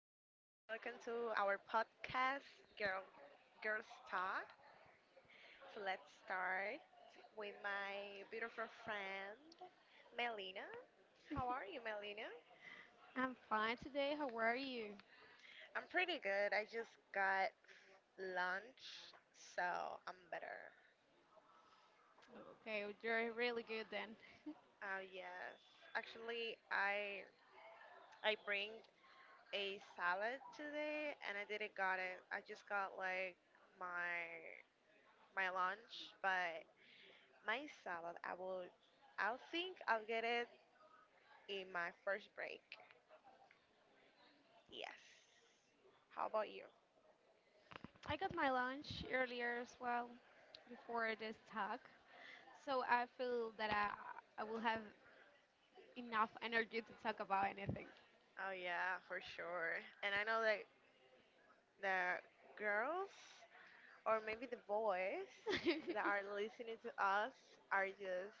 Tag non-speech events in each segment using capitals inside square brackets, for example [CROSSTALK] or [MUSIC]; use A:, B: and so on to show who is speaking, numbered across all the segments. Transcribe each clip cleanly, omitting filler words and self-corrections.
A: Welcome to our podcast, Girl Girls Talk. So let's start with my beautiful friend, Melina. How are you, Melina?
B: I'm fine today. How are you?
A: I'm pretty good. I just got lunch, so I'm better.
B: Okay, well, you're really good then.
A: Oh yes, actually, I bring a salad today, and I didn't got it. I just got like my my lunch, but my salad, I'll think I'll get it in my first break. Yes. How about you?
B: I got my lunch earlier as well before this talk, so I feel that I will have enough energy to talk about anything.
A: Oh yeah, for sure. And I know that the girls or maybe the boys that are
B: [LAUGHS]
A: listening to us are just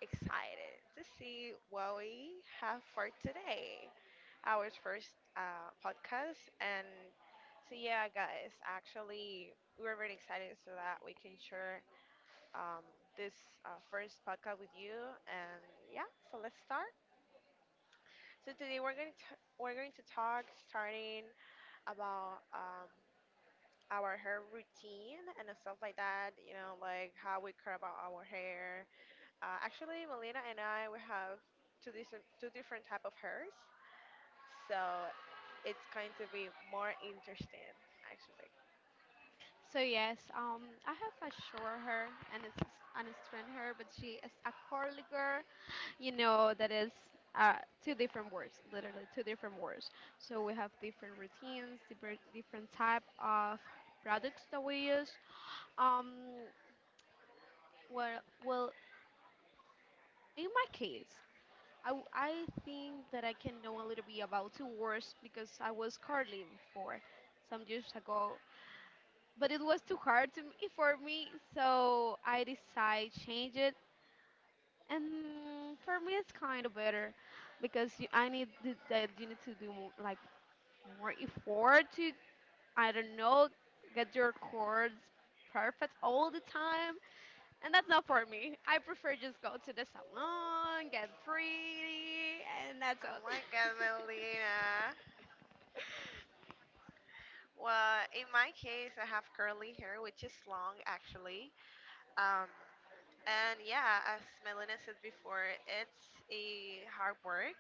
A: excited to see what we have for today. Our first podcast, and so yeah, guys, actually, we're very excited so that we can share um, this first podcast with you. And yeah, so let's start. So today we're going to talk, starting about our hair routine and stuff like that. You know, like how we care about our hair. Actually, Melina and I, we have two different type of hairs, so it's going to be more interesting actually.
B: So yes, I have a short hair and it's strand hair, but she is a curly girl. You know that is uh, two different words, literally two different words. So we have different routines, different type of products that we use. Um, well, in my case, I think that I can know a little bit about two words because I was curling before some years ago, but it was too hard to me, for me, so I decided change it. And for me, it's kind of better because I need that you need to do like more effort to, I don't know, get your chords perfect all the time. And that's not for me. I prefer just go to the salon, get pretty, and that's
A: Oh
B: all.
A: my
B: [LAUGHS]
A: God, Melina. Well, in my case, I have curly hair, which is long actually. Um, and yeah, as Melina said before, it's a hard work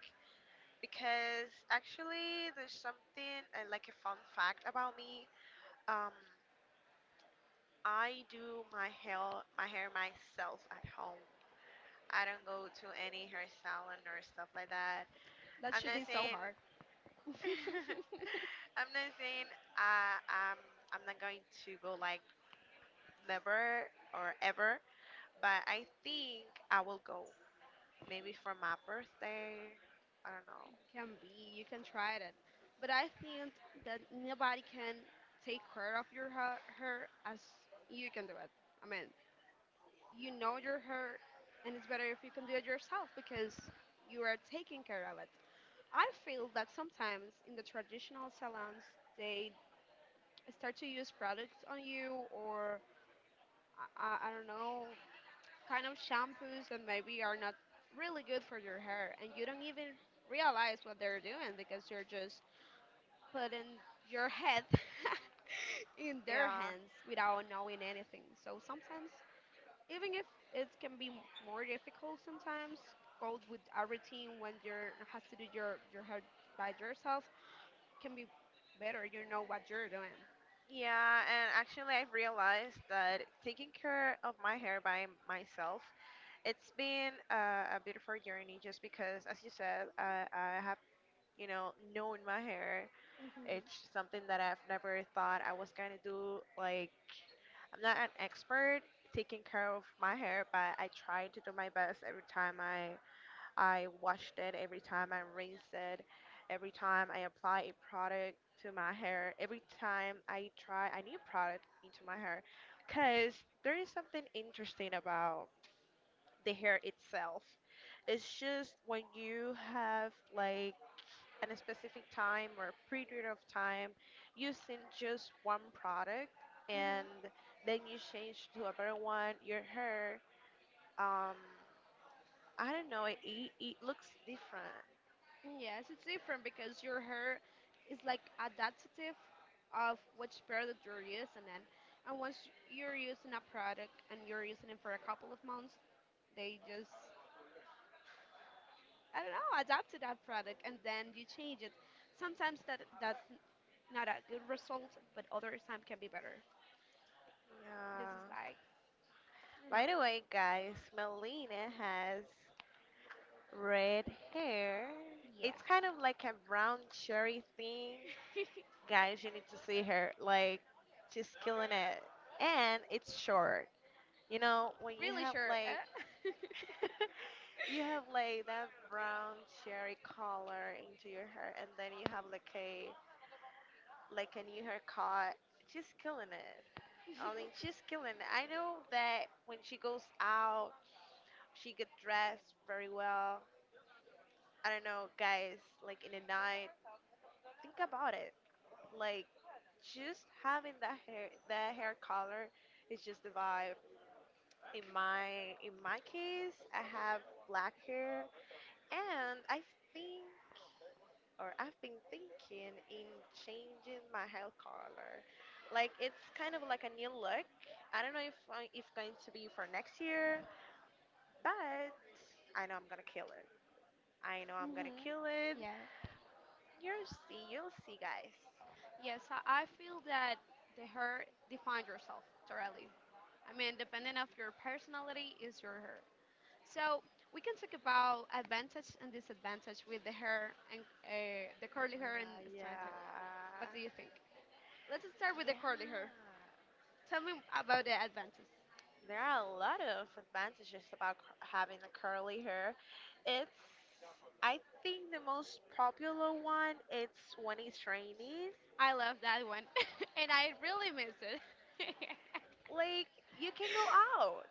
A: because actually there's something like a fun fact about me. Um, I do my hair myself at home. I don't go to any hair salon or stuff like that.
B: That
A: I'm
B: should
A: not
B: be so
A: saying
B: hard.
A: [LAUGHS]
B: [LAUGHS]
A: I'm not saying um I'm not going to go, like, never or ever, but I think I will go, maybe for my birthday. I don't know.
B: Can be, you can try it. But I think that nobody can take care of your hair as you can do it. I mean, you know your hair, and it's better if you can do it yourself because you are taking care of it. I feel that sometimes in the traditional salons, they start to use products on you or, I don't know, kind of shampoos that maybe are not really good for your hair, and you don't even realize what they're doing because you're just putting your head [LAUGHS] in their
A: Yeah.
B: hands without knowing anything. So sometimes, even if it can be more difficult, sometimes go with a routine when you're has to do your hair by yourself can be better. You know what you're doing.
A: Yeah, and actually I've realized that taking care of my hair by myself, it's been a beautiful journey just because, as you said, I have, known my hair.
B: Mm-hmm.
A: It's something that I've never thought I was gonna do. Like, I'm not an expert taking care of my hair, but I try to do my best every time I washed it, every time I rinse it, every time I apply a product to my hair, every time I try a new product into my hair. Because there is something interesting about the hair itself. It's just when you have, like, a specific time or period of time using just one product and then you change to a better one, your hair, um, I don't know, it looks different.
B: Yes, it's different because your hair is like adaptive of which product you're using, and once you're using a product and you're using it for a couple of months, they just, I don't know, adapt to that product and then you change it. Sometimes that's not a good result, but other time can be better. This
A: Yeah.
B: is like, I don't
A: By
B: know.
A: the way, guys, Melina has red hair.
B: Yeah.
A: It's kind of like a brown cherry thing. Guys, you need to see her. Like, she's killing it. And it's short. You know, when
B: [LAUGHS]
A: you
B: Really
A: have
B: sure.
A: like
B: Eh?
A: [LAUGHS] you have like that brown cherry color into your hair and then you have like a new haircut. She's killing it. I mean, she's killing it. I know that when she goes out, she get dressed very well. I don't know, guys, like in the night, think about it. Like, just having that hair color is just the vibe. In my case, I have black hair and I think, or I've been thinking in changing my hair color. Like, it's kind of like a new look. I don't know if if going to be for next year, but I know I'm gonna kill it. I know
B: [LAUGHS]
A: I'm gonna
B: Mhm.
A: kill it.
B: Yeah.
A: You'll see, guys.
B: Yes, I feel that the hair defines yourself thoroughly. I mean, depending of your personality is your hair. So we can talk about advantage and disadvantage with the hair and the
A: Oh
B: curly
A: my
B: hair and
A: god,
B: straight hair.
A: yeah.
B: What do you think? Let's start with the
A: Yeah.
B: curly hair. Tell me about the advantage.
A: There are a lot of advantages about having a curly hair. It's, I think, the most popular one. It's when it's raining.
B: I love that one, [LAUGHS] and I really miss it. [LAUGHS]
A: Like, you can go out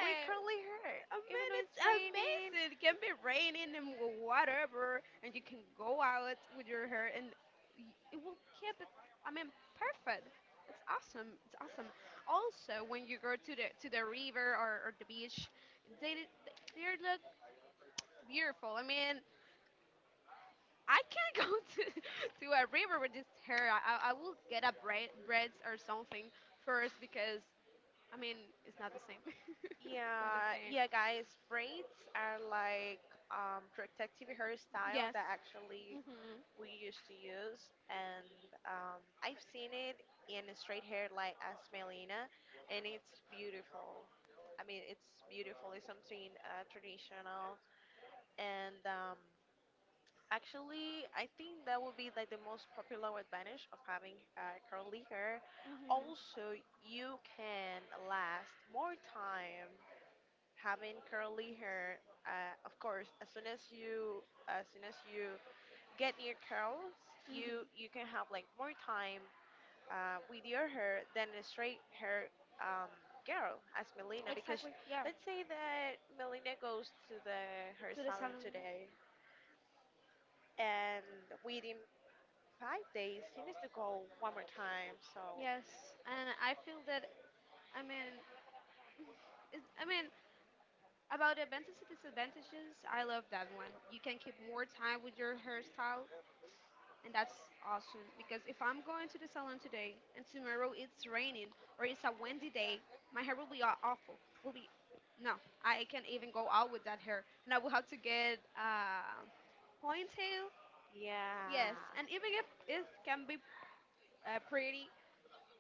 A: with curly hair,
B: I
A: even
B: mean,
A: though
B: it's
A: it's raining.
B: amazing. It can be raining and whatever, and you can go out with your hair, and it will keep it. I mean, perfect. It's awesome. It's awesome. Also, when you go to the river, or the beach, they they look beautiful. I mean, I can't [LAUGHS] go to a river with this hair. I will get a braids or something first because, I mean, it's not the same. [LAUGHS] It's not the
A: Yeah,
B: same.
A: yeah, guys. Braids are like protective hairstyle
B: Yes.
A: that actually
B: Mhm.
A: we used to use, and I've seen it in a straight hair like as Melina, and it's beautiful. I mean, it's beautiful. It's something traditional, and actually, I think that would be like the most popular advantage of having curly hair.
B: Mhm.
A: Also, you can last more time having curly hair. Of course, as soon as you get new curls, you
B: Hmm.
A: you can have, like, more time with your hair than a straight hair um, girl as Melina. Because let's say that Melina goes to the hair salon today, and within 5 days she needs to go one more time. So
B: Yes, and I feel that, I mean, [LAUGHS] it's, I mean, about the advantages and disadvantages. I love that one. You can keep more time with your hairstyle, and that's awesome. Because if I'm going to the salon today and tomorrow it's raining or it's a windy day, my hair will be awful. Will be, no, I can't even go out with that hair, and I will have to get a ponytail.
A: yeah,
B: Yes, and even if it can be pretty,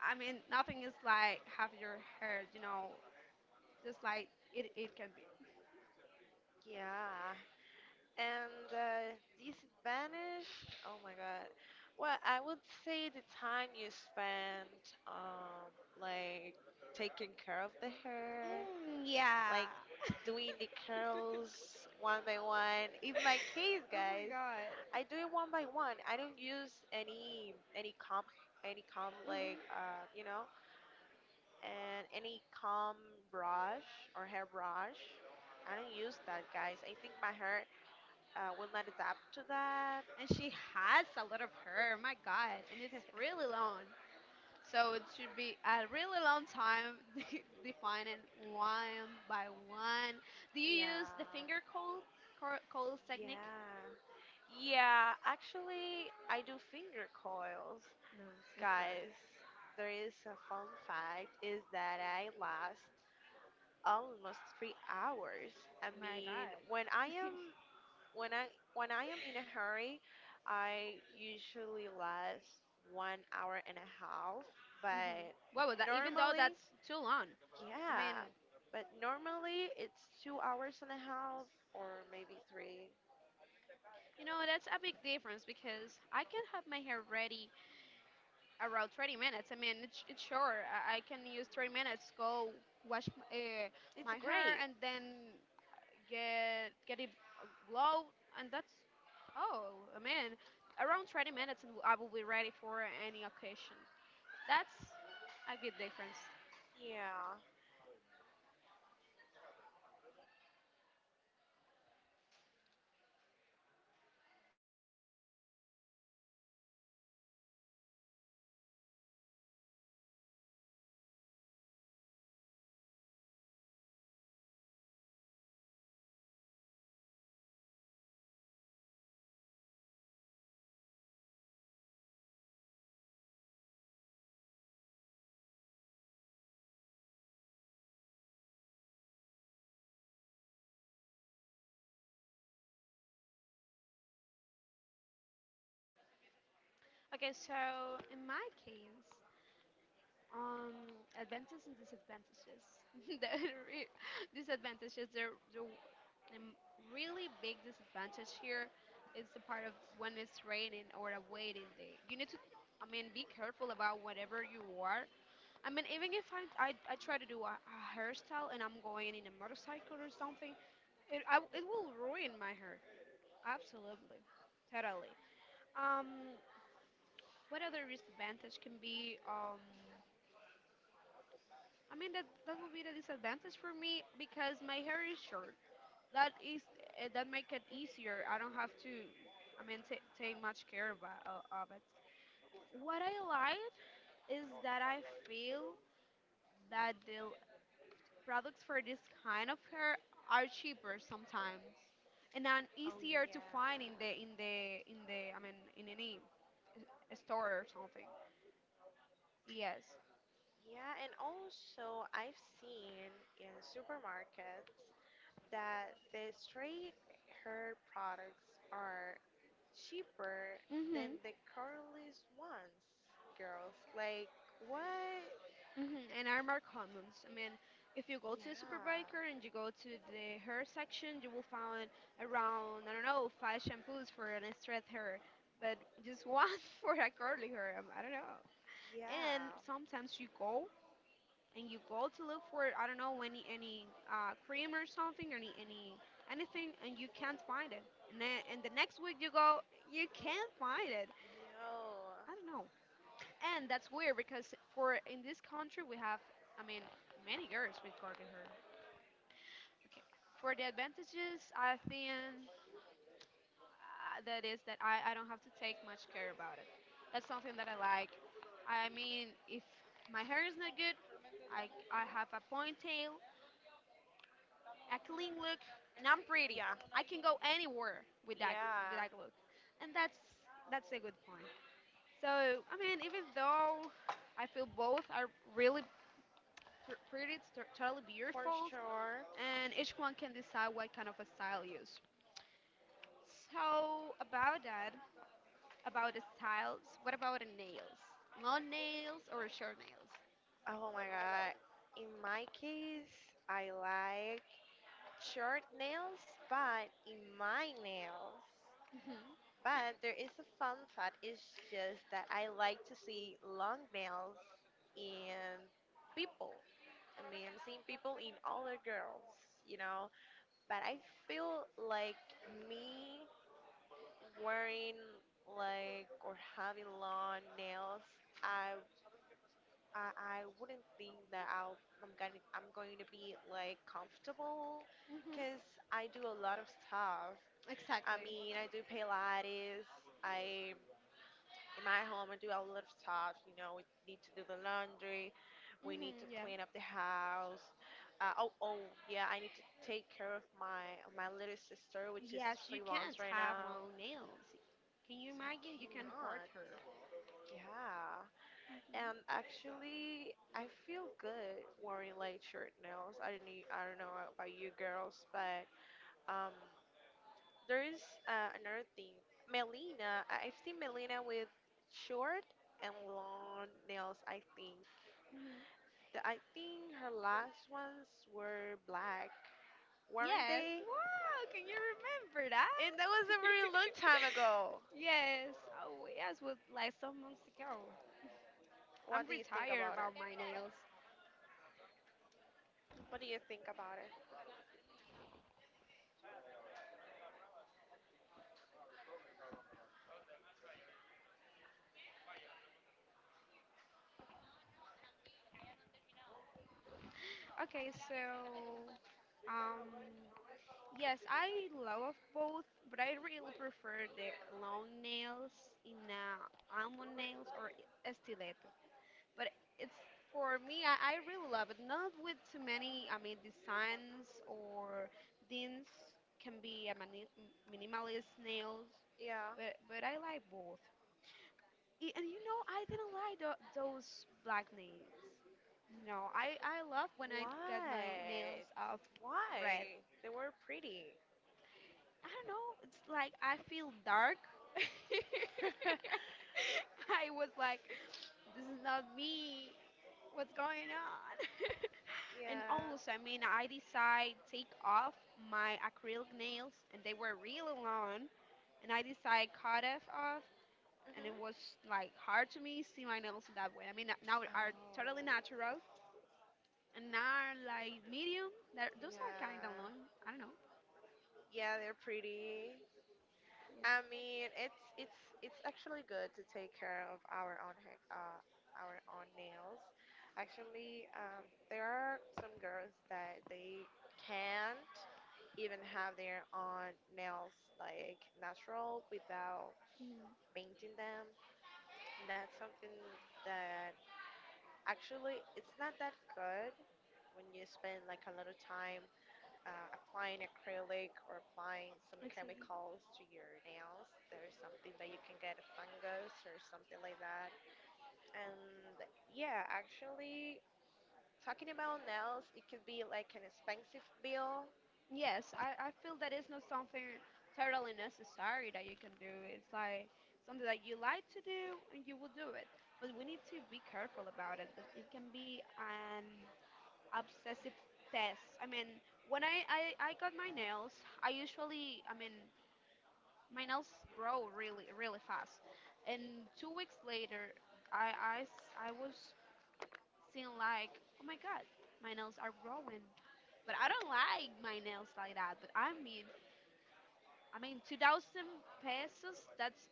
B: I mean, nothing is like have your hair, you know, just like it can be.
A: yeah. And disadvantage? Oh my god. Well, I would say the time you spent, like, taking care of the hair,
B: Mm, yeah.
A: like, doing the
B: [LAUGHS]
A: curls one by one. In my case,
B: Oh my
A: guys,
B: god.
A: I do it one by one. I don't use any comb, any comb, like,
B: Hmm.
A: and any comb brush or hair brush. I don't use that, guys. I think my hair will not adapt to that.
B: And she has a lot of hair, my god, and it's
A: [LAUGHS]
B: really long. So it should be a really long time [LAUGHS] defining one by one. Do you use the
A: Yeah.
B: cold technique?
A: Yeah. Yeah, actually, I do finger coils.
B: No, it's not her.
A: Guys, there is a fun fact is that I last almost 3 hours. I
B: My
A: mean,
B: god.
A: when I am when I when I am in a hurry, I usually last 1 hour and a half, but
B: What was that? Even though
A: normally.
B: that's too long. I mean,
A: Yeah, but normally it's 2 hours and a half or maybe three.
B: you know, that's a big difference because I can have my hair ready around 30 minutes. I mean, it's sure. I can use 30 minutes, go wash my,
A: It's
B: my hair,
A: great.
B: and then get it blow, and that's, oh, I mean, around 30 minutes, and I will be ready for any occasion. That's a big difference.
A: Yeah.
B: Okay, so in my case, Um, advantages and disadvantages. [LAUGHS] The re- disadvantages. There, the really big disadvantage here is the part of when it's raining or a waiting day. You need to, I mean, be careful about whatever you are. I mean, even if I try to do a hairstyle and I'm going in a motorcycle or something, it I, it will ruin my hair. Absolutely, totally. Um, what other disadvantage can be? I mean that would be the disadvantage for me because my hair is short. That is, that make it easier. I don't have to, I mean, ta take much care of it. What I like is that I feel that the products for this kind of hair are cheaper sometimes, and then
A: Oh,
B: easier to find
A: yeah.
B: in the I mean in any store or something. Yes.
A: Yeah, and also I've seen in supermarkets that the straight hair products are cheaper than
B: Hmm.
A: the curlys ones, girls. Like, what?
B: Mhm, and are more commons. I mean, if you go
A: Yeah,
B: to the supermarket and you go to the hair section, you will find around, I don't know, five shampoos for an straight hair, but just one [LAUGHS] for a curly hair. I don't know. And
A: yeah,
B: sometimes you go, and you go to look for, I don't know, any cream or something, any anything, and you can't find it. And then, and the next week you go, you can't find it.
A: no.
B: I don't know. And that's weird because for in this country we have, I mean, many girls with curly hair. Okay. For the advantages, I think that is that I don't have to take much care about it. That's something that I like. I mean, if my hair is not good, I have a ponytail, a clean look, and I'm pretty.
A: Yeah.
B: I can go anywhere with that, with
A: Yeah,
B: that look, and that's a good point. So I mean, even though I feel both are really totally
A: for
B: beautiful,
A: sure.
B: and each one can decide what kind of a style use. So about that, about the styles, what about the nails? Long nails or short nails?
A: Oh my god. In my case, I like short nails, but in my nails.
B: Mhm.
A: But there is a fun fact, it's just that I like to see long nails in people. I mean, I'm seeing people in older girls, you know? But I feel like me wearing, like, or having long nails, I I wouldn't think that I'll, I'm gonna I'm going to be, like, comfortable, cause
B: Mhm.
A: I do a lot of stuff. I
B: Exactly.
A: mean, I do Pilates. I in my home I do a lot of stuff. You know, we need to do the laundry. We need
B: Mhm.
A: to
B: Yeah.
A: clean up the house. Oh, oh, yeah, I need to take care of my little sister, which is
B: Yes, you
A: three
B: can't
A: months right
B: have
A: now.
B: long nails. Can you
A: So I
B: imagine? You can hurt
A: cannot.
B: her.
A: Yeah,
B: Mhm.
A: and actually, I feel good wearing light shirt nails. I don't need, I don't know about you girls, but um, there is another thing. Melina, I've seen Melina with short and long nails. I think
B: Mhm.
A: the, I think her last ones were black, weren't
B: Yes.
A: they?
B: Wow, can you remember
A: And that was a
B: that?
A: very long time ago.
B: [LAUGHS] Yes. Oh, yes, was like some months ago. I'm
A: What do you think
B: retired
A: about it?
B: about my nails.
A: What do you think about it?
B: Okay, so um yes, I love both, but I really prefer the long nails in almond nails or stiletto. But it's, for me, I really love it. Not with too many, I mean, designs or things. Can be a minimalist nails,
A: Yeah.
B: but I like both. And you know, I didn't like those black nails. No, I love when I get my nails
A: What?
B: of red.
A: Why? They were pretty.
B: I don't know, it's like I feel dark. [LAUGHS]
A: [LAUGHS]
B: I was like, this is not me. What's going on? [LAUGHS] And
A: Yeah.
B: also, I
A: Mhm.
B: mean, I decide take off my acrylic nails, and they were really long, and I decide cut it off, and it was like hard to me see my nails in that way. I mean, now are totally
A: Oh.
B: natural, and now are like medium. That those are kind of
A: Yeah.
B: long. I don't know.
A: Yeah, they're pretty. I mean, it's it's actually good to take care of our own hair, our own nails. Actually, there are some girls that they can't even have their own nails, like, natural without painting them. And that's something that actually it's not that good when you spend like a lot of time applying acrylic or applying some
B: Exactly.
A: chemicals to your nails. There's something that you can get a fungus or something like that. And yeah, actually, talking about nails, it could be like an expensive bill.
B: Yes, I feel that it's not something totally necessary that you can do. It's like something that you like to do and you will do it. But we need to be careful about it. But it can be an obsessive test. I mean, when I got my nails, I usually, I mean, my nails grow really fast, and 2 weeks later I was seeing like, oh my god, my nails are growing, but I don't like my nails like that. But I mean 2,000 pesos, that's,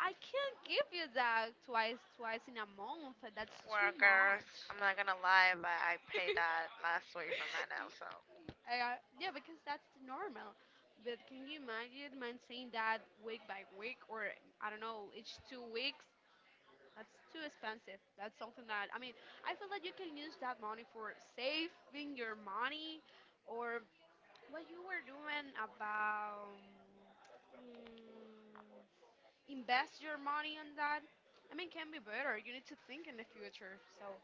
B: I can't give you that twice in a month. That's
A: Well,
B: too
A: girls,
B: much.
A: I'm not gonna lie, but I paid
B: [LAUGHS]
A: that last week for my nails, so.
B: uh, yeah, because that's the normal. But can you imagine man saying that week by week, or I don't know, each 2 weeks? That's too expensive. That's something that, I mean, I feel that you can use that money for saving your money, or what you were doing about, mm, invest your money on that. I mean, can be better. You need to think in the future. So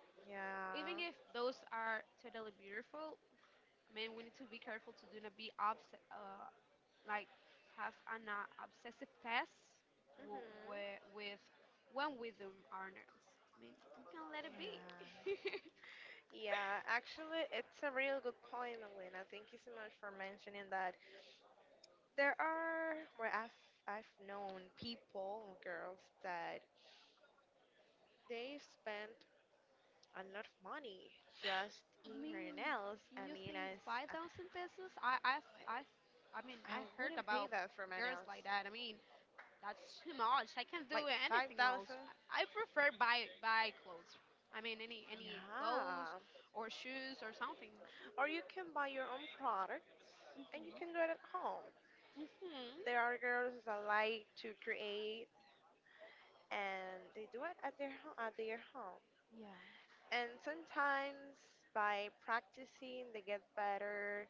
B: even
A: Yeah.
B: if those are totally beautiful, I mean, we need to be careful to do not like have an obsessive past where,
A: Mhm.
B: with when we do our nails. I mean, we can let it be.
A: Yeah.
B: [LAUGHS]
A: Yeah, actually, it's a real good point, Melina. Thank you so much for mentioning that. There are where I've known people, girls, that they've spent a lot of money just
B: I
A: in her
B: mean,
A: nails.
B: can
A: I
B: you
A: mean,
B: think
A: as
B: 5,000 pesos? I, I mean,
A: I
B: I heard
A: wouldn't pay
B: about
A: that for my
B: girls
A: nails,
B: like that. I mean, that's too much. I can't
A: like
B: do
A: five
B: anything else.
A: thousand.
B: I prefer buy clothes. I mean, any clothes
A: Yeah.
B: or shoes or something.
A: Or you can buy your own products and you
B: Mhm.
A: can do it at home.
B: Mhm.
A: There are girls that like to create and they do it at their home.
B: Yeah.
A: And sometimes by practicing, they get better.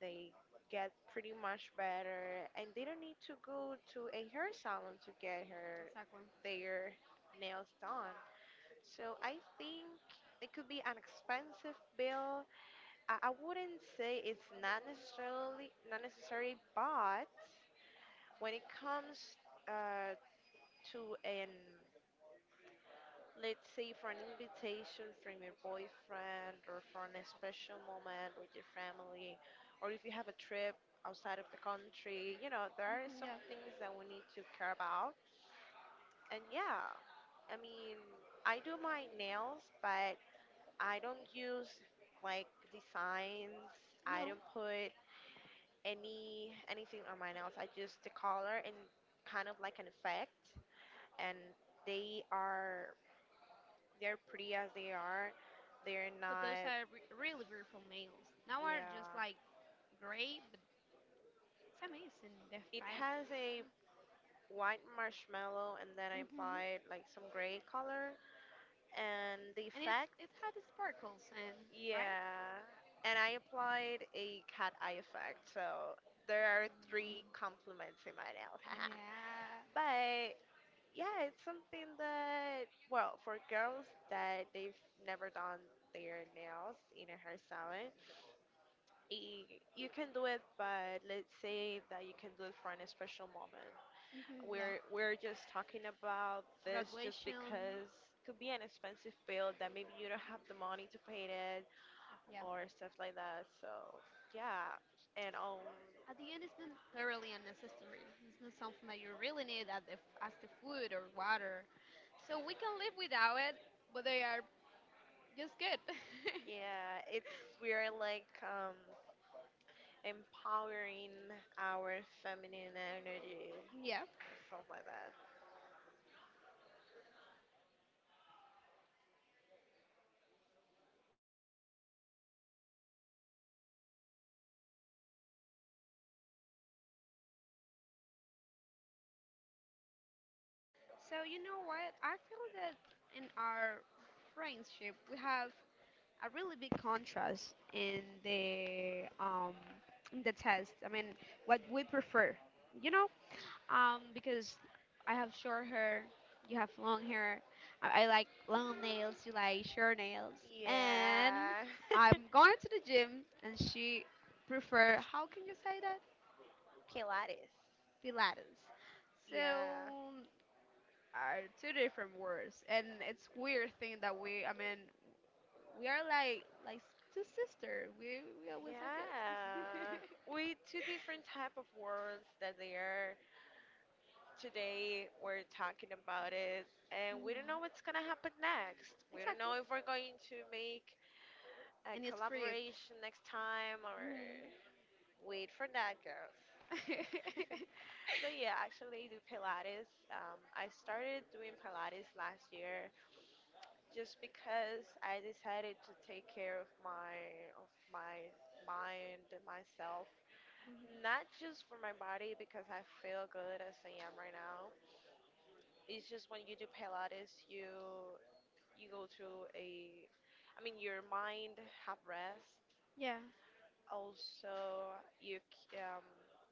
A: They get pretty much better, and they don't need to go to a hair salon to get her
B: Exactly.
A: their nails done. So I think it could be an expensive bill. I wouldn't say it's not necessarily not necessary, but when it comes uh, to an let's say, for an invitation from your boyfriend or for an special moment with your family, or if you have a trip outside of the country, there are
B: Mhm,
A: some
B: yeah.
A: things that we need to care about. And yeah, I mean, I do my nails, but I don't use like designs, I
B: No,
A: don't put anything on my nails, I just the color and kind of like an effect, and they are They're pretty as they are. They're
B: but those
A: not.
B: are really beautiful nails. Now are just like
A: Yeah.
B: gray, but it's amazing the
A: It
B: fact.
A: has a white marshmallow, and then I
B: Mm-hmm.
A: applied like some gray color, and the
B: And it's
A: effect.
B: it had sparkles and right.
A: Yeah. And I applied a cat eye effect, so there are three
B: Mm.
A: compliments in my nail. [LAUGHS]
B: Yeah.
A: But yeah, it's something that, well, for girls that they've never done their nails in a hair salon, you can do it, but let's say that you can do it for an special moment.
B: Mm, yeah.
A: We're just talking about this just
B: Graduation.
A: because it could be an expensive bill that maybe you don't have the money to pay it
B: Yeah.
A: or stuff like that. So yeah. And
B: At the end, it's not thoroughly unnecessary. It's not something that you really need at as the food or water. So we can live without it, but they are just good. [LAUGHS]
A: yeah, it's we're like empowering our feminine energy,
B: Yeah.
A: stuff like that.
B: So you know what? I feel that in our friendship we have a really big contrast in the test. I mean, what we prefer, you know, because I have short hair, you have long hair. I like long nails, you like short nails, and
A: Yeah, [LAUGHS]
B: I'm going to the gym, and she prefer, how can you say that,
A: Pilates.
B: Pilates.
A: Yeah.
B: So are two different words, and it's weird thing that we. I mean, we are like two sister. We always are good.
A: Yeah,
B: [LAUGHS]
A: we two different type of worlds that they are today. We're talking about it, and we don't know what's gonna happen next. We don't
B: Exactly.
A: know if we're going to make a
B: And it's creep.
A: collaboration next time or wait for that, girls.
B: [LAUGHS]
A: [LAUGHS] But yeah, actually, I do Pilates. I started doing Pilates last year just because I decided to take care of my mind, and myself,
B: Mhm.
A: not just for my body because I feel good as I am right now. It's just when you do Pilates, you go I mean, your mind have rest.
B: Yeah.
A: Also, you k- um,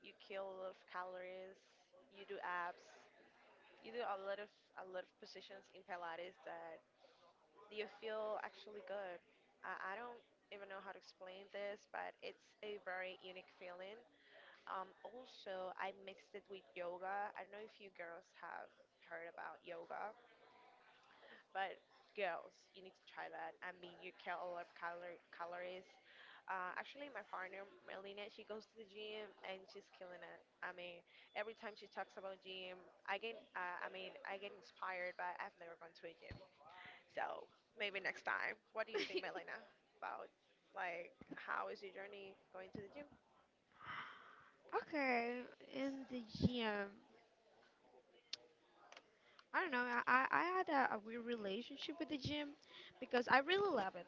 A: you kill a lot of calories. You do abs. You do a lot of positions in Pilates that you feel actually good. I don't even know how to explain this, but it's a very unique feeling. Also, I mixed it with yoga. I don't know if you girls have heard about yoga, but girls, you need to try that. I mean, you kill a lot of calories. Actually, my partner, Melina, she goes to the gym and she's killing it. I mean, every time she talks about gym, I get inspired, but I've never gone to a gym. So maybe next time. What do you think,
B: [LAUGHS]
A: Melina, about, like, how is your journey going to the gym?
B: Okay, in the gym. I don't know. I had a weird relationship with the gym because I really love it.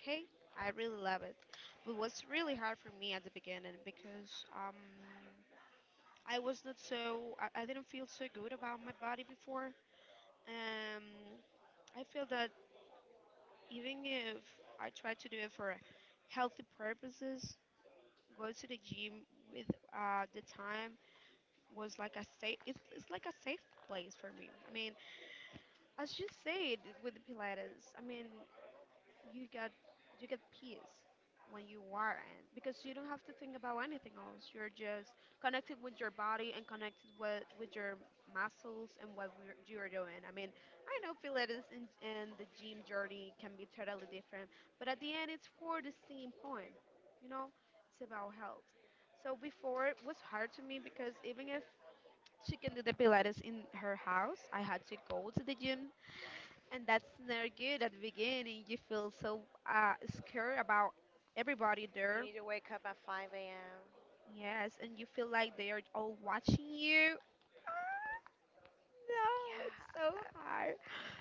B: Okay, I really love it, but it was really hard for me at the beginning because I was not so I didn't feel so good about my body before. Um, I feel that even if I try to do it for healthy purposes, go to the gym with the time was like a safe. It's like a safe place for me. I mean, as you said with the Pilates, I mean, you get you get peace when you are in because you don't have to think about anything else, you're just connected with your body and connected with your muscles and you're doing. I mean, I know Pilates and, the gym journey can be totally different, but at the end it's for the same point, you know, it's about health. So before it was hard to me because even if she can do the Pilates in her house I had to go to the gym, and that's never good at the beginning. You feel so uh, scared about everybody
A: You
B: there.
A: need to wake up at 5 a.m.
B: Yes, and you feel like they are all watching you. Ah. No, it's
A: Yeah,
B: so hard.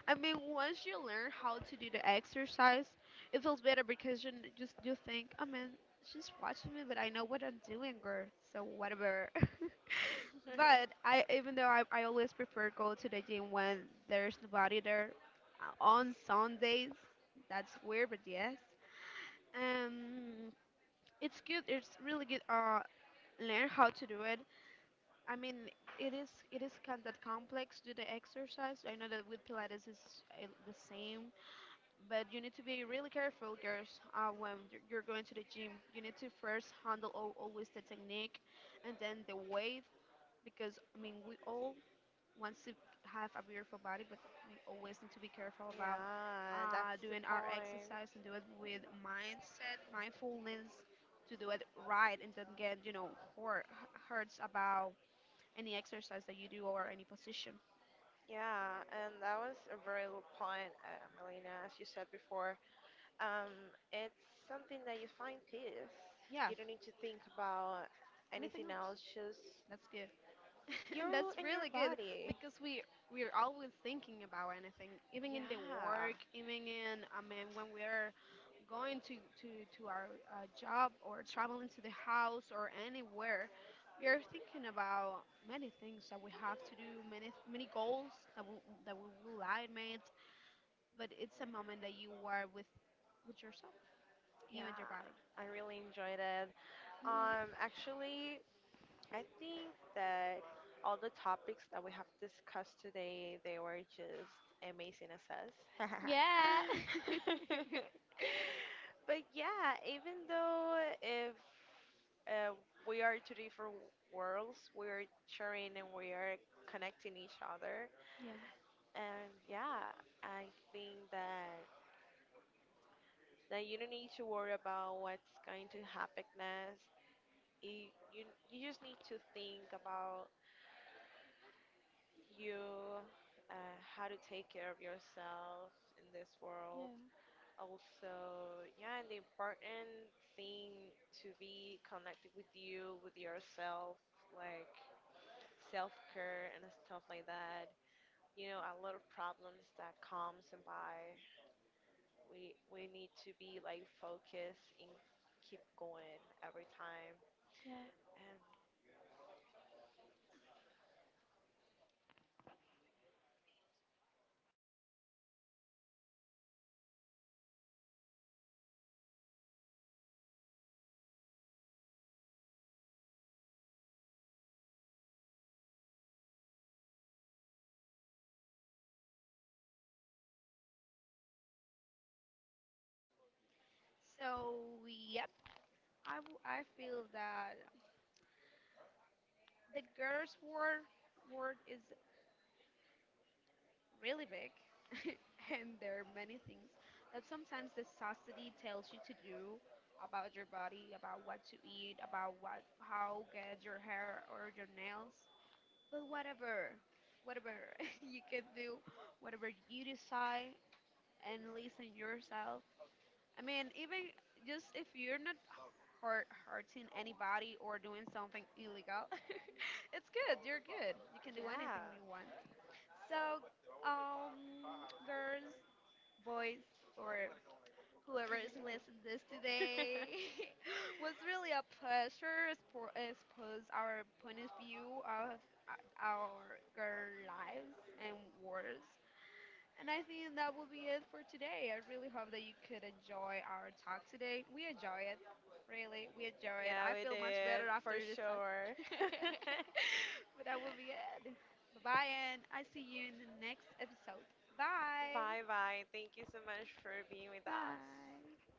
B: I mean, once you learn how to do the exercise, it feels better because just you think, I mean, she's watching me, but I know what I'm doing, girl. So whatever. [LAUGHS]
A: [LAUGHS]
B: But I, even though I always prefer go to the gym when there's nobody there, on Sundays. That's weird, but yes. Um, it's good. It's really good. Learn how to do it. I mean, it is kind of complex to do the exercise. I know that with Pilates is the same, but you need to be really careful, girls, when you're going to the gym. You need to first handle al always the technique, and then the weight, because I mean, we all want to have a beautiful body, but we always need to be careful about
A: Yeah, that's the
B: doing our
A: point.
B: exercise and do it with mindset, mindfulness, to do it right, and don't get, you know, hurt hurts about any exercise that you do or any position.
A: Yeah, and that was a very good point, Melina, as you said before. Um, it's something that you find peace.
B: Yeah,
A: You don't need to think about
B: anything
A: anything
B: else.
A: else, just
B: That's good. [LAUGHS] And
A: you
B: that's
A: and your
B: really good
A: body.
B: because we're always thinking about anything, even in the
A: Yeah,
B: work, even in, I mean, when we're going to to our job or traveling to the house or anywhere. We're thinking about many things that we have to do, many goals that we will I admit, but it's a moment that you are with yourself, you
A: yeah,
B: and your body.
A: I really enjoyed it. Actually, I think that all the topics that we have discussed today, they were just amazing as us.
B: Yeah. [LAUGHS]
A: [LAUGHS] But yeah, even though if uh, we are two different worlds, we are sharing and we are connecting each other.
B: Yeah.
A: And yeah, I think that you don't need to worry about what's going to happen next. You, you you just need to think about you how to take care of yourself in this world.
B: Yeah.
A: Also, yeah, and the important thing to be connected with you, with yourself, like self care and stuff like that. You know, a lot of problems that comes and by. We need to be, like, focused and keep going every time.
B: Yeah.
A: And
B: So yep, I feel that the girls' world world is really big, [LAUGHS] and there are many things that sometimes the society tells you to do about your body, about what to eat, about what how get your hair or your nails. But whatever, whatever [LAUGHS] you can do, whatever you decide, and listen yourself. I mean, even just if you're not hurting anybody or doing something illegal, [LAUGHS] it's good. You're good. You can do anything you want. So, um, girls, boys, or whoever is listening
A: yeah.
B: this today, [LAUGHS] was
A: [LAUGHS]
B: really a pleasure expose our point of view of our girl lives and worlds. And I think that will be it for today. I really hope that you could enjoy our talk today. We enjoy it. Really, we enjoy it.
A: Yeah,
B: I
A: we
B: feel much
A: did
B: better after
A: for
B: this talk.
A: sure.
B: [LAUGHS]
A: [LAUGHS]
B: But that will be it. Bye bye, and I see you in the next episode. Bye.
A: Bye bye. Thank you so much for being with us.
B: Bye.